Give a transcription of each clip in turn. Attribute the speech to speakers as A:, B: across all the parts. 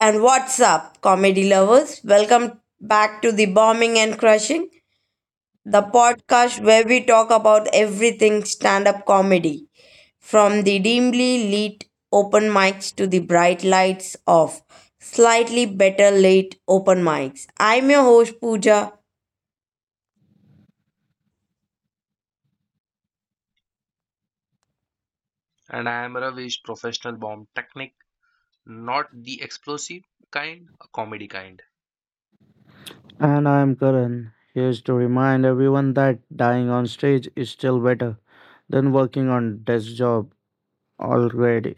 A: and what's up, comedy lovers? Welcome back to The Bombing and Crushing, the podcast where we talk about everything stand up comedy, from the dimly lit open mics to the bright lights of slightly better late open mics. I'm your host, Pooja.
B: And I am Ravish, professional bomb technique, not the explosive kind, a comedy kind.
C: And I am Karan. Here's to remind everyone that dying on stage is still better than working on desk job already.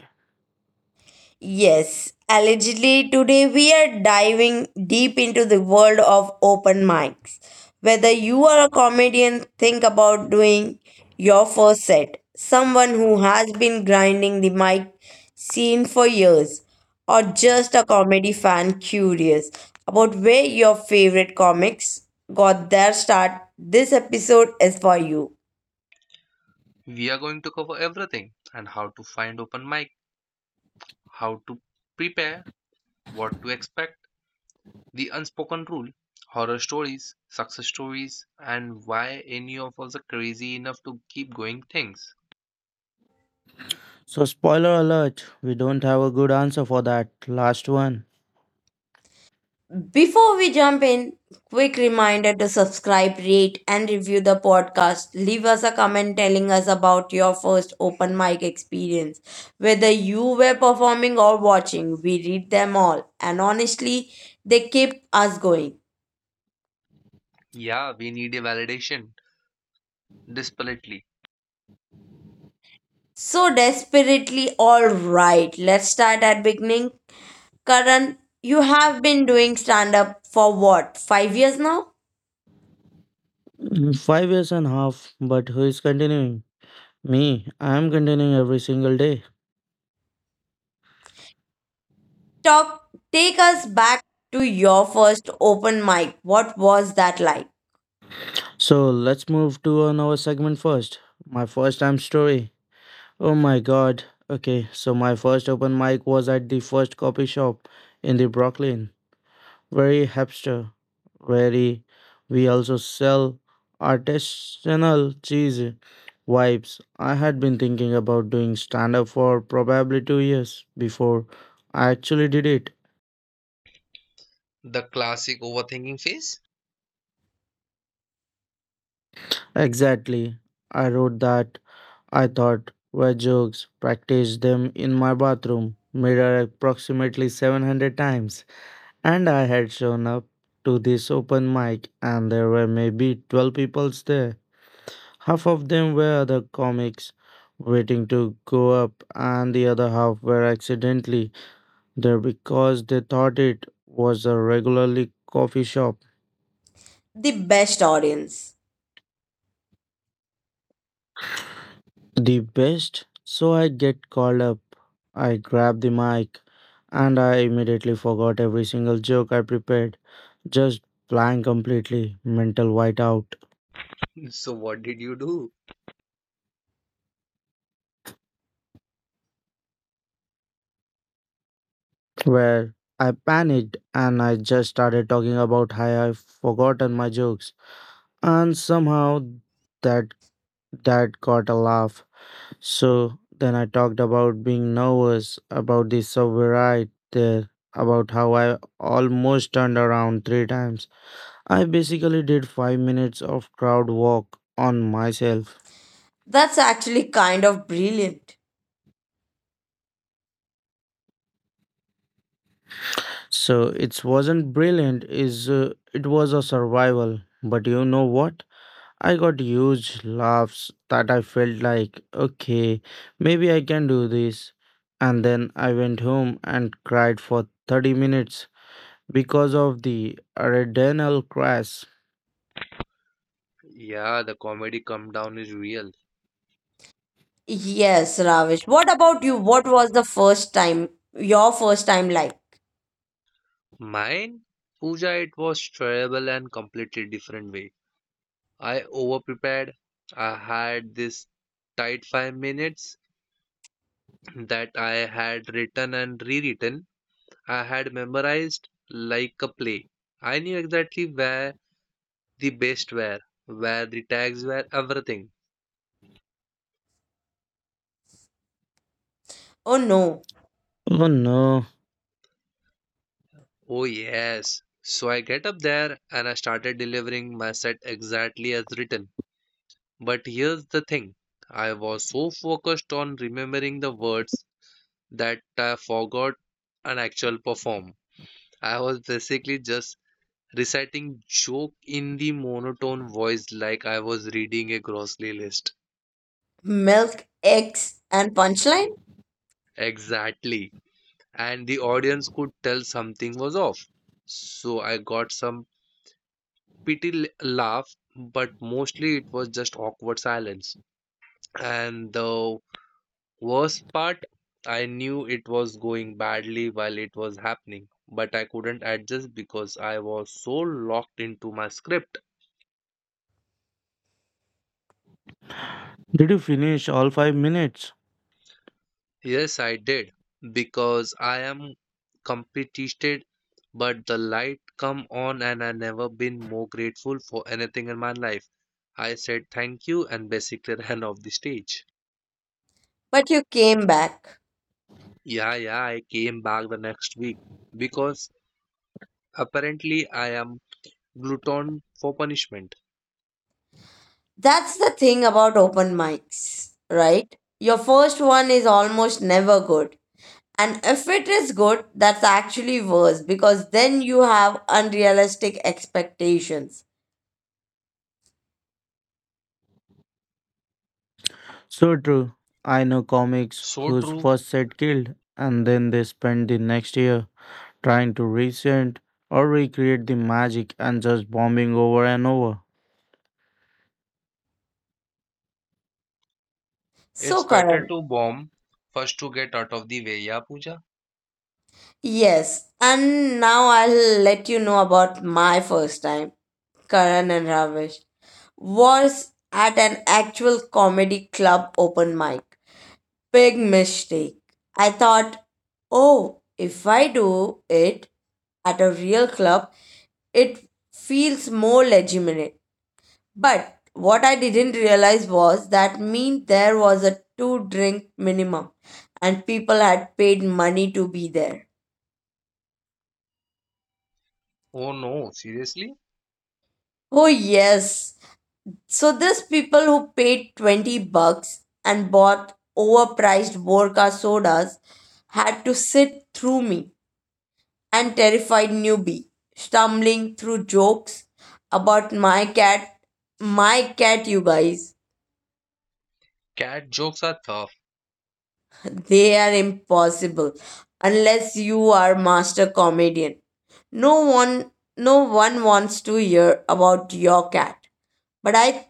A: Yes, allegedly today we are diving deep into the world of open mics. Whether you are a comedian, think about doing your first set, someone who has been grinding the mic scene for years, or just a comedy fan curious about where your favorite comics got their start, this episode is for you.
B: We are going to cover everything and how to find open mic, how to prepare, what to expect, the unspoken rule, horror stories, success stories, and why any of us are crazy enough to keep going things.
C: So spoiler alert, we don't have a good answer for that last one.
A: Before we jump in, quick reminder to subscribe, rate, and review the podcast. Leave us a comment telling us about your first open mic experience, whether you were performing or watching. We read them all, and honestly, they keep us going.
B: Yeah, we need a validation, desperately.
A: So desperately, all right, let's start at beginning. Karan, you have been doing stand up for what, 5 years now?
C: 5 years and a half, but who is continuing? Me, I am continuing every single day.
A: Talk, take us back to your first open mic. What was that like?
C: So let's move to another segment first. My first time story. Oh my god. Okay, so my first open mic was at the first copy shop in the Brooklyn. Very hipster. Very, we also sell artisanal cheese vibes. I had been thinking about doing stand up for probably 2 years before I actually did it.
B: The classic overthinking phase.
C: Exactly. I wrote that. I thought were jokes, practiced them in my bathroom mirror approximately 700 times, and I had shown up to this open mic, and there were maybe 12 people there. Half of them were other comics waiting to go up, and the other half were accidentally there because they thought it was a regularly coffee shop.
A: The best audience.
C: The best, so I get called up. I grab the mic, and I immediately forgot every single joke I prepared, just blank completely, mental whiteout,
B: So, what did you do?
C: where I panicked and I just started talking about how I've forgotten my jokes. And somehow that That got a laugh. So then I talked about being nervous about the subway ride there, about how I almost turned around three times. I basically did 5 minutes of crowd walk on myself.
A: That's actually kind of brilliant.
C: So it wasn't brilliant, is it was a survival. But you know what? I got huge laughs that I felt like, okay, maybe I can do this. And then I went home and cried for 30 minutes, because of the renal crash.
B: Yeah, the comedy come down is real.
A: Yes, Ravish. What about you? What was the first time, your first time like?
B: Mine? Puja, it was terrible and completely different way. I overprepared. I had this tight 5 minutes that I had written and rewritten. I had memorized like a play. I knew exactly where the best were, where the tags were, everything.
A: Oh no,
C: Oh no.
B: Oh yes. So I get up there and I started delivering my set exactly as written. But here's the thing. I was so focused on remembering the words that I forgot an actual perform. I was basically just reciting joke in the monotone voice like I was reading a grocery list.
A: milk, eggs, and punchline?
B: Exactly. And the audience could tell something was off. So I got some pity laugh, but mostly it was just awkward silence. And the worst part, I knew it was going badly while it was happening, but I couldn't adjust because I was so locked into my script.
C: Did you finish all 5 minutes?
B: Yes, I did, because I am competed, but the light come on and I never been more grateful for anything in my life. I said thank you and basically ran off the stage.
A: But you came back.
B: Yeah, yeah, I came back the next week because apparently I am glutton for punishment.
A: That's the thing about open mics, right? Your first one is almost never good. And if it is good, that's actually worse because then you have unrealistic expectations.
C: So true. I know comics
B: So
C: whose
B: true.
C: first set killed and then they spend the next year trying to resend or recreate the magic and just bombing over and over.
A: So,
B: It's better
A: Karan,
B: to bomb first to get out of the way, yeah, Pooja?
A: yes, and now I'll let you know about my first time. Karan and Ravish was at an actual comedy club open mic. Big mistake. I thought, oh, if I do it at a real club, it feels more legitimate. But what I didn't realize was that mean there was a two drink minimum and people had paid money to be there.
B: Oh no, seriously?
A: Oh, yes. So, these people who paid 20 bucks and bought overpriced vodka sodas had to sit through me and terrified newbie, stumbling through jokes about my cat. My cat, you guys,
B: Cat jokes are tough.
A: they are impossible unless you are master comedian. No one, no one wants to hear about your cat. But I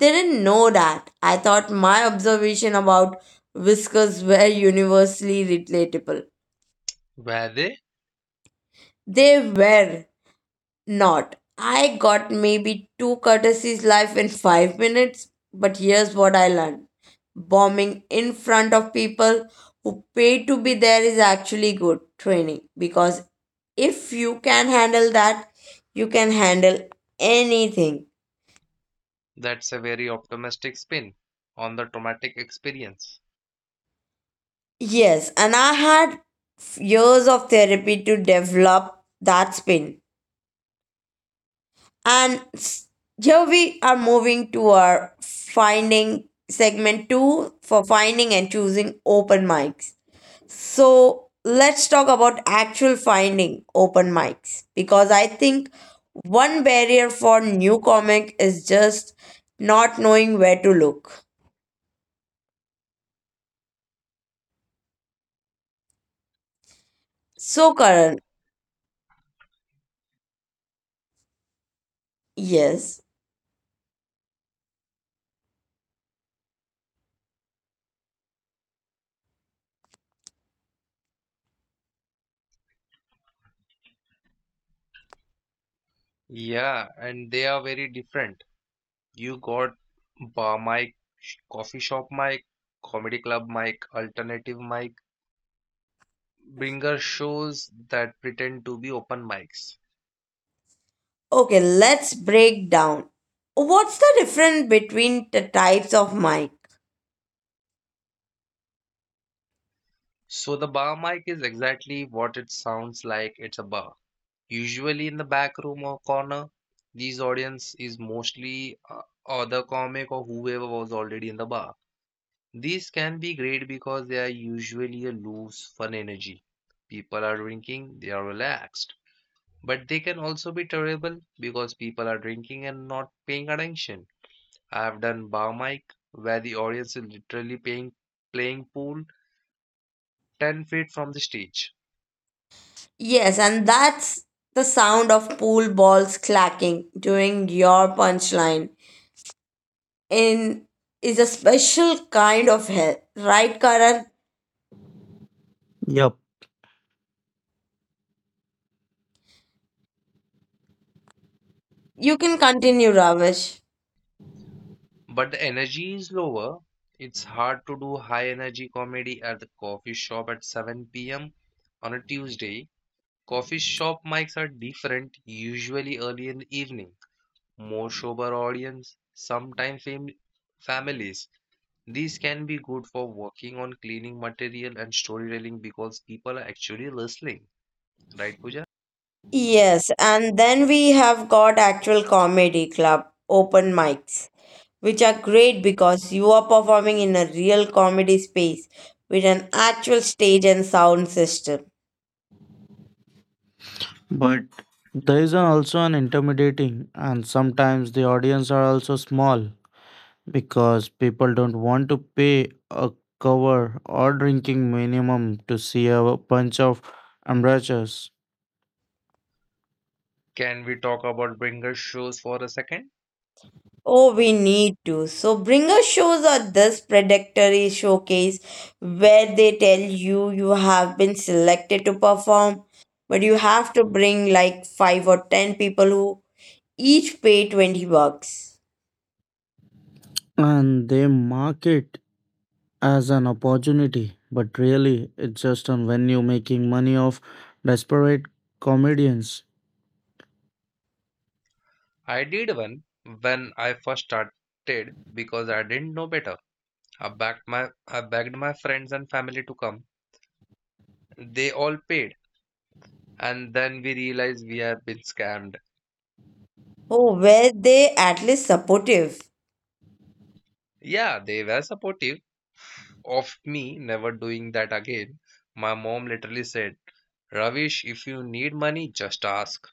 A: didn't know that. I thought my observation about whiskers were universally relatable.
B: Were they?
A: They were not. I got maybe two courtesies life in 5 minutes, but here's what I learned bombing in front of people who pay to be there is actually good training because if you can handle that, you can handle anything.
B: That's a very optimistic spin on the traumatic experience.
A: Yes, and I had years of therapy to develop that spin. And here we are moving to our finding segment two for finding and choosing open mics. So let's talk about actual finding open mics because I think one barrier for new comic is just not knowing where to look. So, Karan, yes.
B: Yeah, and they are very different. You got bar mic, coffee shop mic, comedy club mic, alternative mic, bringer shows that pretend to be open mics.
A: Okay, let's break down. What's the difference between the types of mic?
B: So the bar mic is exactly what it sounds like, it's a bar. Usually in the back room or corner, these audience is mostly other comic or whoever was already in the bar. These can be great because they are usually a loose, fun energy. People are drinking, they are relaxed. But they can also be terrible because people are drinking and not paying attention. I have done bar mic where the audience is literally paying, playing pool 10 feet from the stage.
A: Yes, and that's the sound of pool balls clacking during your punchline. In is a special kind of hell, right, Karan?
C: Yep,
A: You can continue, Ravish.
B: But the energy is lower. It's hard to do high energy comedy at the coffee shop at 7 p.m. on a Tuesday. Coffee shop mics are different, usually early in the evening. More sober audience, sometimes families. These can be good for working on cleaning material and storytelling because people are actually listening. Right, Pooja?
A: Yes, and then we have got actual comedy club open mics, which are great because you are performing in a real comedy space with an actual stage and sound system.
C: but there is also an intimidating, and sometimes the audience are also small because people don't want to pay a cover or drinking minimum to see a bunch of amateurs,
B: Can we talk about bringer shows for a second?
A: Oh, we need to. So, bringer shows are this predatory showcase where they tell you you have been selected to perform, but you have to bring like 5 or 10 people who each pay 20 bucks.
C: and they mark it as an opportunity, but really it's just a venue making money off desperate comedians.
B: I did one when I first started because I didn't know better. I begged my friends and family to come. They all paid, and then we realized we have been scammed.
A: Oh, were they at least supportive?
B: Yeah, they were supportive of me never doing that again. My mom literally said, "Ravish, if you need money, just ask."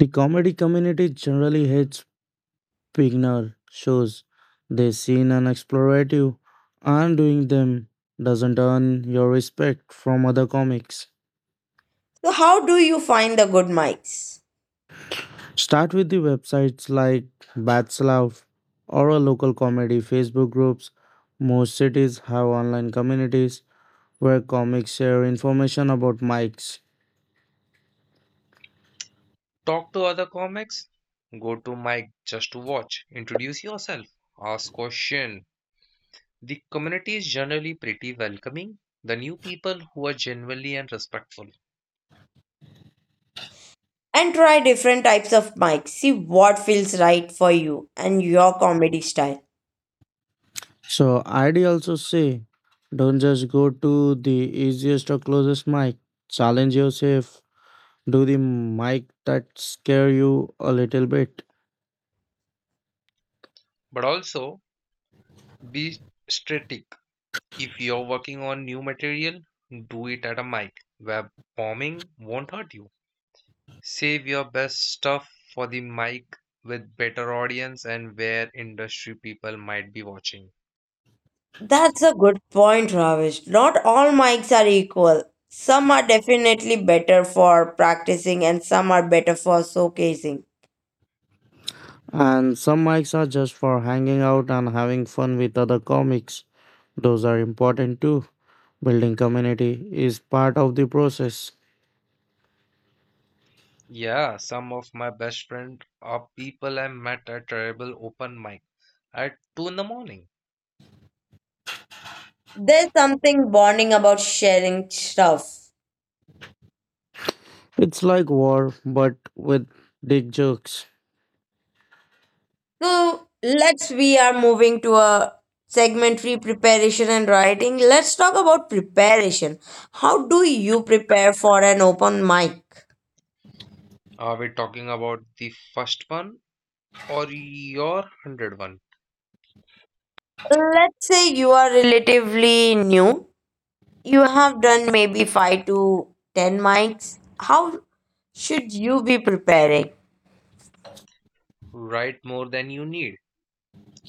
C: The comedy community generally hates beginner shows. They seem and explorative, and doing them doesn't earn your respect from other comics.
A: So, how do you find the good mics?
C: Start with the websites like BatSlav or a local comedy Facebook groups. Most cities have online communities where comics share information about mics.
B: Talk to other comics. Go to mic just to watch. Introduce yourself. Ask question. The community is generally pretty welcoming. The new people who are genuinely and respectful,
A: And try different types of mics. See what feels right for you and your comedy style.
C: So I'd also say don't just go to the easiest or closest mic. Challenge yourself. Do the mic that scare you a little bit.
B: but also be strategic. If you're working on new material, do it at a mic where bombing won't hurt you. Save your best stuff for the mic with better audience and where industry people might be watching.
A: That's a good point, Ravish. Not all mics are equal. Some are definitely better for practicing and some are better for showcasing.
C: And some mics are just for hanging out and having fun with other comics. Those are important too. Building community is part of the process.
B: Yeah, some of my best friends are people I met at terrible open mic at 2 in the morning.
A: There's something bonding about sharing stuff.
C: It's like war, but with dick jokes.
A: So let's we are moving to a segmentary preparation and writing. Let's talk about preparation. How do you prepare for an open mic?
B: Are we talking about the first one or your 100th one?
A: Let's say you are relatively new. You have done maybe 5 to 10 mics. How should you be preparing?
B: Write more than you need.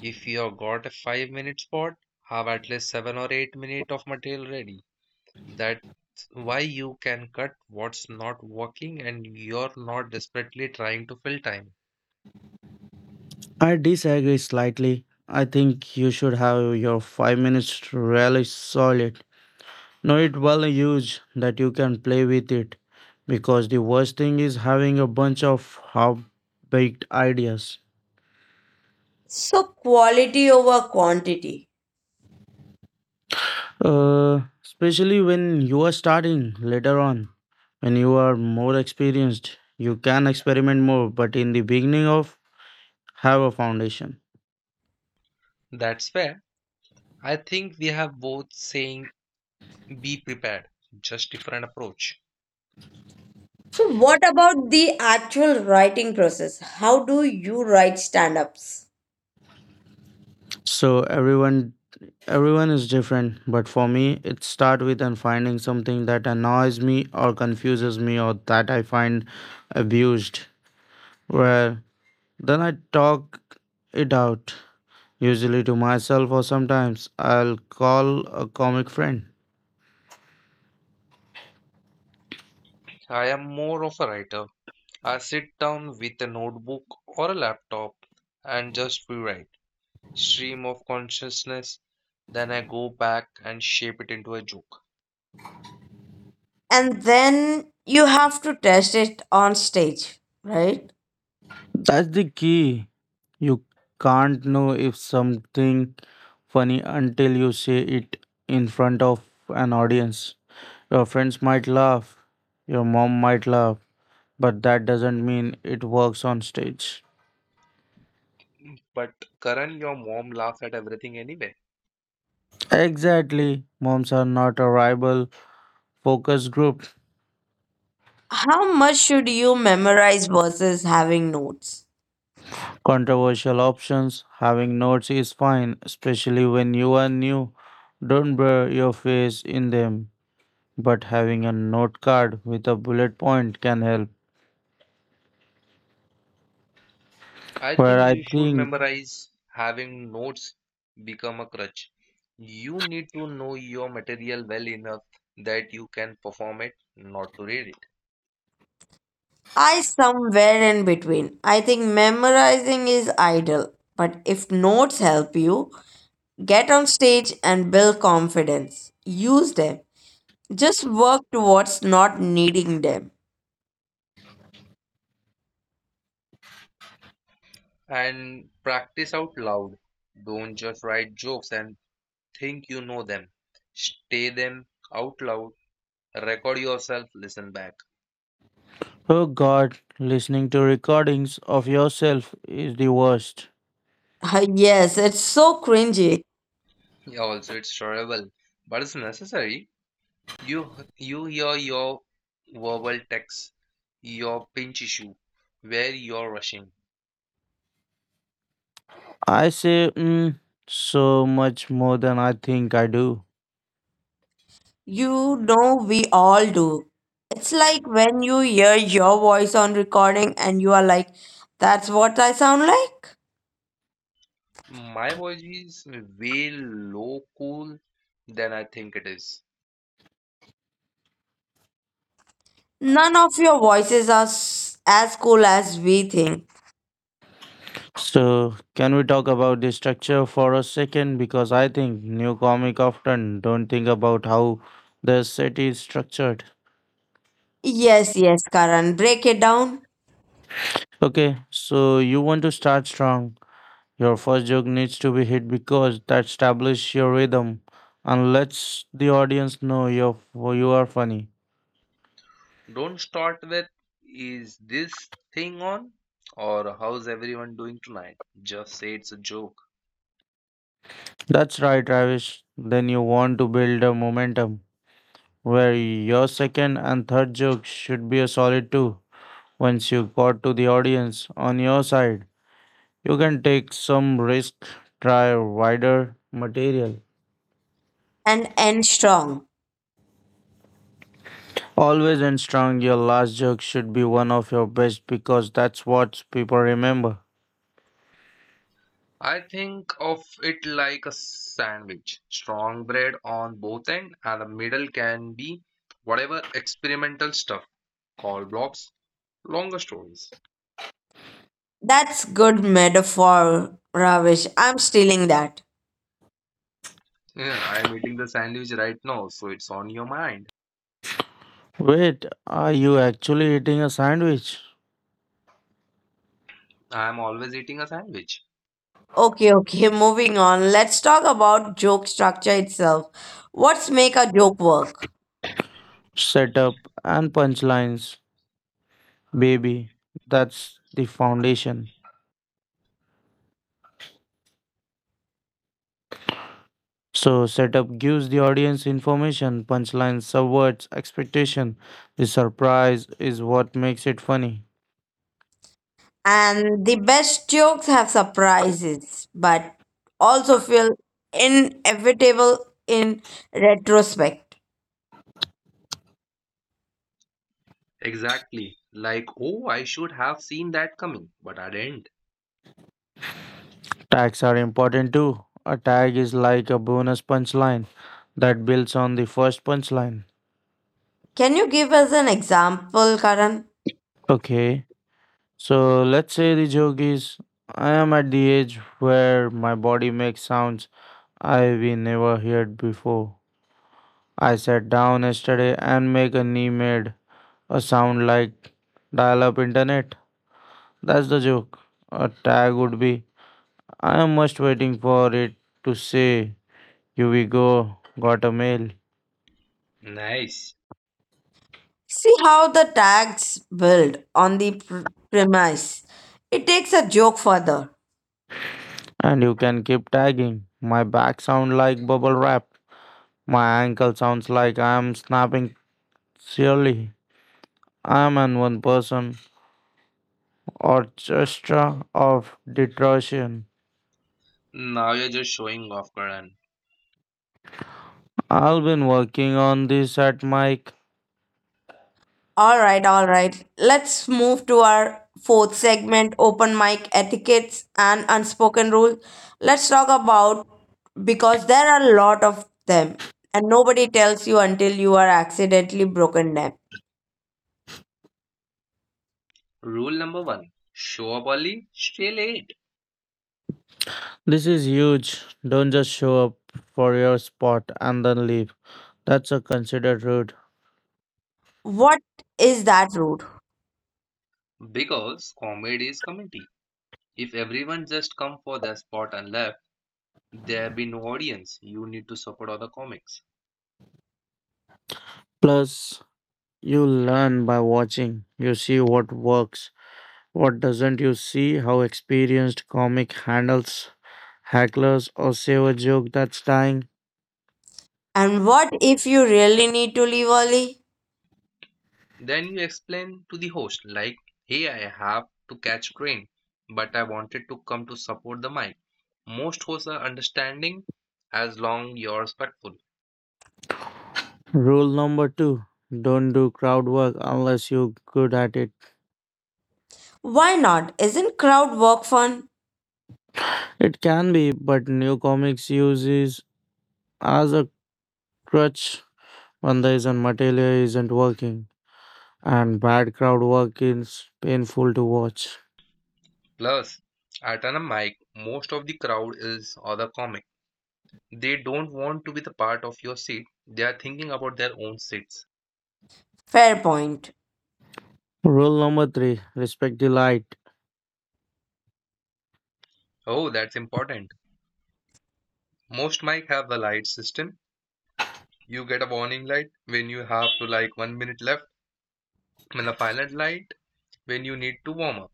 B: If you have got a 5 minute spot, have at least 7 or 8 minutes of material ready. That's why you can cut what's not working and you're not desperately trying to fill time.
C: I disagree slightly. I think you should have your 5 minutes really solid. Know it well huge that you can play with it. Because the worst thing is having a bunch of half baked ideas.
A: So, quality over quantity.
C: Especially when you are starting later on, when you are more experienced, you can experiment more. But in the beginning of have a foundation.
B: That's fair. I think we have both saying be prepared, just different approach.
A: So, what about the actual writing process? How do you write stand ups?
C: So everyone is different. But for me, it start with and finding something that annoys me or confuses me or that I find abused. Where then I talk it out, usually to myself or sometimes I'll call a comic friend.
B: I am more of a writer. I sit down with a notebook or a laptop and just rewrite, stream of consciousness. Then I go back and shape it into a joke.
A: And then you have to test it on stage, right?
C: That's the key. You can't know if something funny until you say it in front of an audience. Your friends might laugh, your mom might laugh, but that doesn't mean it works on stage.
B: But Karan, your mom laughs at everything anyway.
C: Exactly. Moms are not a rival focus group.
A: How much should you memorize versus having notes?
C: Controversial options, having notes is fine, especially when you are new. Don't blur your face in them, but having a note card with a bullet point can help.
B: I
C: Where
B: think
C: I
B: you should
C: think,
B: memorize having notes become a crutch. You need to know your material well enough that you can perform it, not to read it.
A: I somewhere in between. I think memorizing is idle, but if notes help you, get on stage and build confidence. Use them. Just work towards not needing them.
B: And practice out loud. Don't just write jokes and think you know them. Say them out loud. Record yourself, listen back.
C: oh God, listening to recordings of yourself is the worst.
A: Yes, it's so cringy.
B: Yeah, also it's shareable, but it's necessary. You you hear your verbal text, your pinch issue, where you're rushing.
C: I say so much more than I think I do.
A: You know, we all do. It's like when you hear your voice on recording and you are like, that's what I sound like.
B: My voice is way low cool than I think it is.
A: None of your voices are as cool as we think.
C: So, can we talk about the structure for a second? Because I think new comic often don't think about how the set is structured.
A: Yes, yes, Karan, break it down
C: Okay, so you want to start strong. Your first joke needs to be hit because that establishes your rhythm and lets the audience know you are funny.
B: Don't start with, is this thing on, or how's everyone doing tonight? Just say it's a joke.
C: That's right, Travis. Then you want to build a momentum where your second and third joke should be a solid two. Once you got to the audience on your side, you can take some risk, try wider material.
A: and end strong.
C: Always and strong, your last joke should be one of your best because that's what people remember.
B: I think of it like a sandwich. Strong bread on both ends, and the middle can be whatever experimental stuff, call blocks, longer stories.
A: That's good metaphor, Ravish. I'm stealing that.
B: Yeah, I'm eating the sandwich right now, so it's on your mind.
C: Wait, are you actually eating a sandwich?
B: I'm always eating a sandwich.
A: Okay, okay, moving on. Let's talk about joke structure itself. What's make a joke work?
C: Setup and punchlines, baby. That's the foundation. So setup gives the audience information, punchline subverts expectation. The surprise is what makes it funny.
A: And the best jokes have surprises, but also feel inevitable in retrospect.
B: Exactly. Like, oh, I should have seen that coming, but I didn't.
C: Tags are important too. A tag is like a bonus punchline that builds on the first punchline.
A: Can you give us an example, Karan?
C: Okay, so let's say the joke is I am at the age where my body makes sounds I've never heard before. I sat down yesterday and make a knee made a sound like dial up internet. That's the joke. A tag would be I am just waiting for it to say, here we go, got a mail.
B: Nice.
A: See how the tags build on the premise. It takes a joke further.
C: And you can keep tagging. My back sounds like bubble wrap. My ankle sounds like I am snapping. Surely, I am an one person orchestra of destruction.
B: Now you're just showing off, Karan.
C: I've been working on this at Mike.
A: All right, all right. Let's move to our fourth segment open mic etiquettes and unspoken rules. Let's talk about because there are a lot of them and nobody tells you until you are accidentally broken them.
B: Rule number one, show up early, stay late.
C: This is huge. Don't just show up for your spot and then leave. That's a considered route.
A: What is that rude?
B: Because comedy is comedy. If everyone just come for their spot and left, there be no audience. You need to support other comics.
C: Plus, you learn by watching. You see what works, what doesn't. You see how experienced comic handles hecklers or save a joke that's dying.
A: And what if you really need to leave early?
B: Then you explain to the host, like, hey, I have to catch train, but I wanted to come to support the mic. Most hosts are understanding as long you're respectful.
C: Rule number two, don't do crowd work unless you're good at it.
A: Why not? Isn't crowd work fun?
C: It can be, but new comics uses as a crutch when there isn't material isn't working, and bad crowd work is painful to watch.
B: Plus, at a mic, most of the crowd is other comic. They don't want to be the part of your seat. They are thinking about their own seats.
A: Fair point.
C: Rule number three, respect the light.
B: Oh, that's important. Most mic have a light system. You get a warning light when you have to like 1 minute left and a silent light when you need to warm up.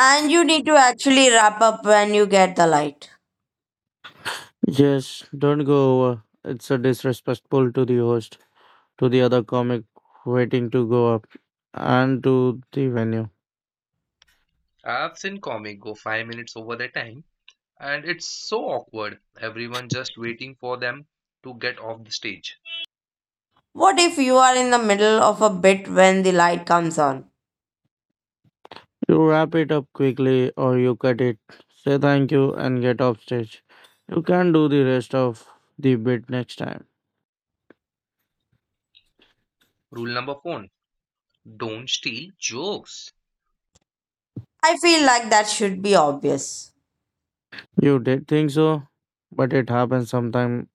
A: And you need to actually wrap up when you get the light.
C: Yes, don't go over. It's a disrespectful to the host, to the other comic waiting to go up, and to the venue.
B: I've seen comic go 5 minutes over the time, and it's so awkward. Everyone just waiting for them to get off the stage.
A: What if you are in the middle of a bit when the light comes on?
C: You wrap it up quickly or you cut it. Say thank you and get off stage. You can do the rest of the bit next time.
B: Rule number four, don't steal jokes.
A: I feel like that should be obvious.
C: You did think so, but it happens sometime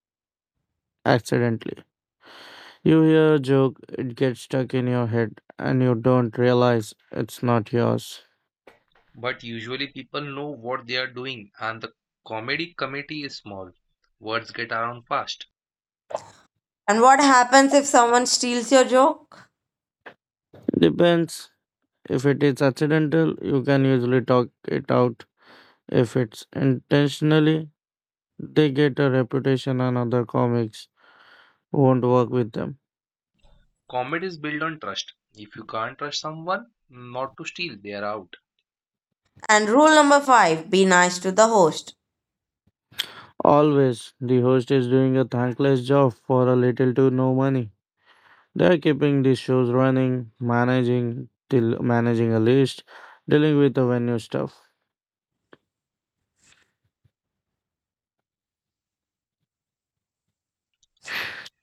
C: accidentally. You hear a joke, it gets stuck in your head, and you don't realize it's not yours.
B: But usually people know what they are doing, and the comedy committee is small. Words get around fast.
A: And what happens if someone steals your joke?
C: Depends. If it is accidental, you can usually talk it out. If it's intentionally, they get a reputation and other comics won't work with them.
B: Comedy is built on trust. If you can't trust someone, not to steal, they are out.
A: And rule number five be nice to the host.
C: Always, the host is doing a thankless job for a little to no money. They are keeping the shows running, managing till managing a list, dealing with the venue stuff.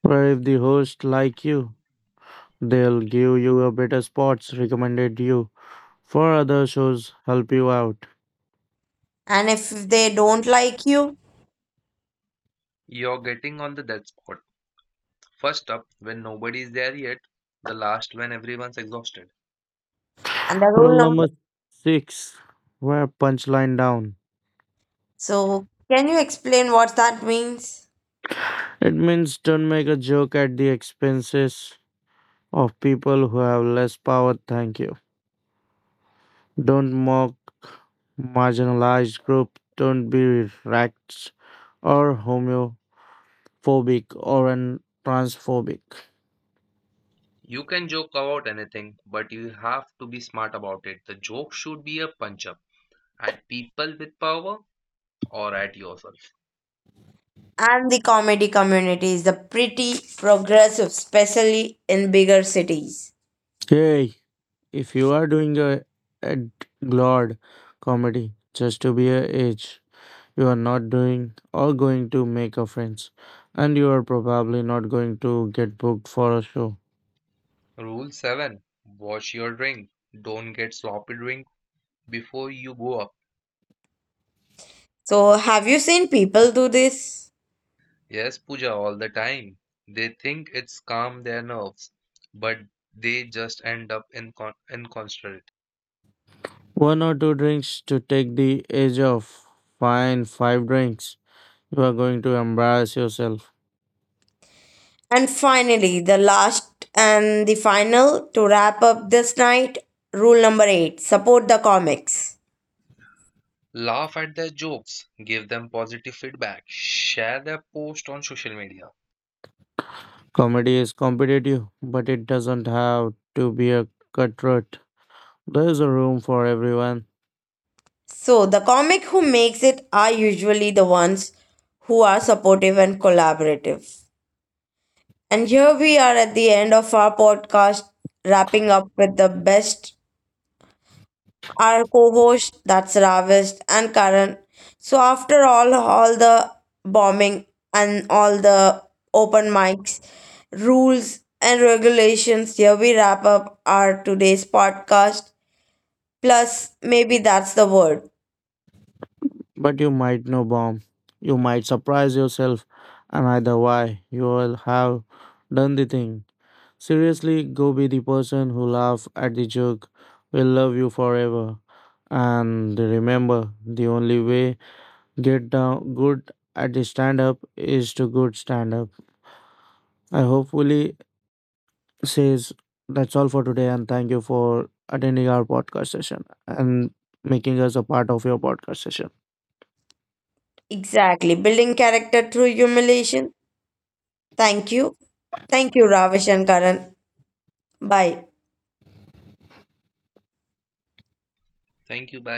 C: But if the host like you, they'll give you a better spots, recommended you for other shows, help you out.
A: And if they don't like you,
B: You're getting on the dead spot. First up when nobody is there yet, the last when everyone's exhausted.
A: and the rule
C: Rule
A: number.
C: number six, wear punchline down.
A: So, can you explain what that means?
C: It means don't make a joke at the expenses of people who have less power. Thank you. Don't mock marginalized group. Don't be racist or homophobic or an transphobic.
B: You can joke about anything, but you have to be smart about it. The joke should be a punch up at people with power or at yourself.
A: And the comedy community is the pretty progressive, especially in bigger cities.
C: Hey, if you are doing a glad comedy, just to be a age. You are not doing or going to make a friends, and you are probably not going to get booked for a show.
B: Rule 7, wash your drink. Don't get sloppy drink before you go up.
A: So, have you seen people do this?
B: Yes, Puja, all the time. They think it's calm their nerves, but they just end up in inconsiderate.
C: One or two drinks to take the edge off. Fine, five drinks. You are going to embarrass yourself.
A: And finally, the last and the final to wrap up this night rule number 8 support the comics.
B: Laugh at their jokes, give them positive feedback, share their post on social media.
C: Comedy is competitive, but it doesn't have to be a cutthroat. There is a room for everyone,
A: So the comic who makes it are usually the ones who are supportive and collaborative. And here we are at the end of our podcast, wrapping up with the best our co-host, that's Ravish and Karan. So after all the bombing and all the open mics, rules and regulations, here we wrap up our today's podcast. Plus, maybe that's the word.
C: but you might know bomb. You might surprise yourself, and either way, you will have done the thing. Seriously, go be the person who laughs at the joke. Will love you forever. And remember, the only way get down good at the stand up is to good stand up. I hopefully says that's all for today and thank you for attending our podcast session and making us a part of your podcast session.
A: Exactly. Building character through humiliation. Thank you. Thank you, Ravish and Karan. Bye.
B: Thank you, bye.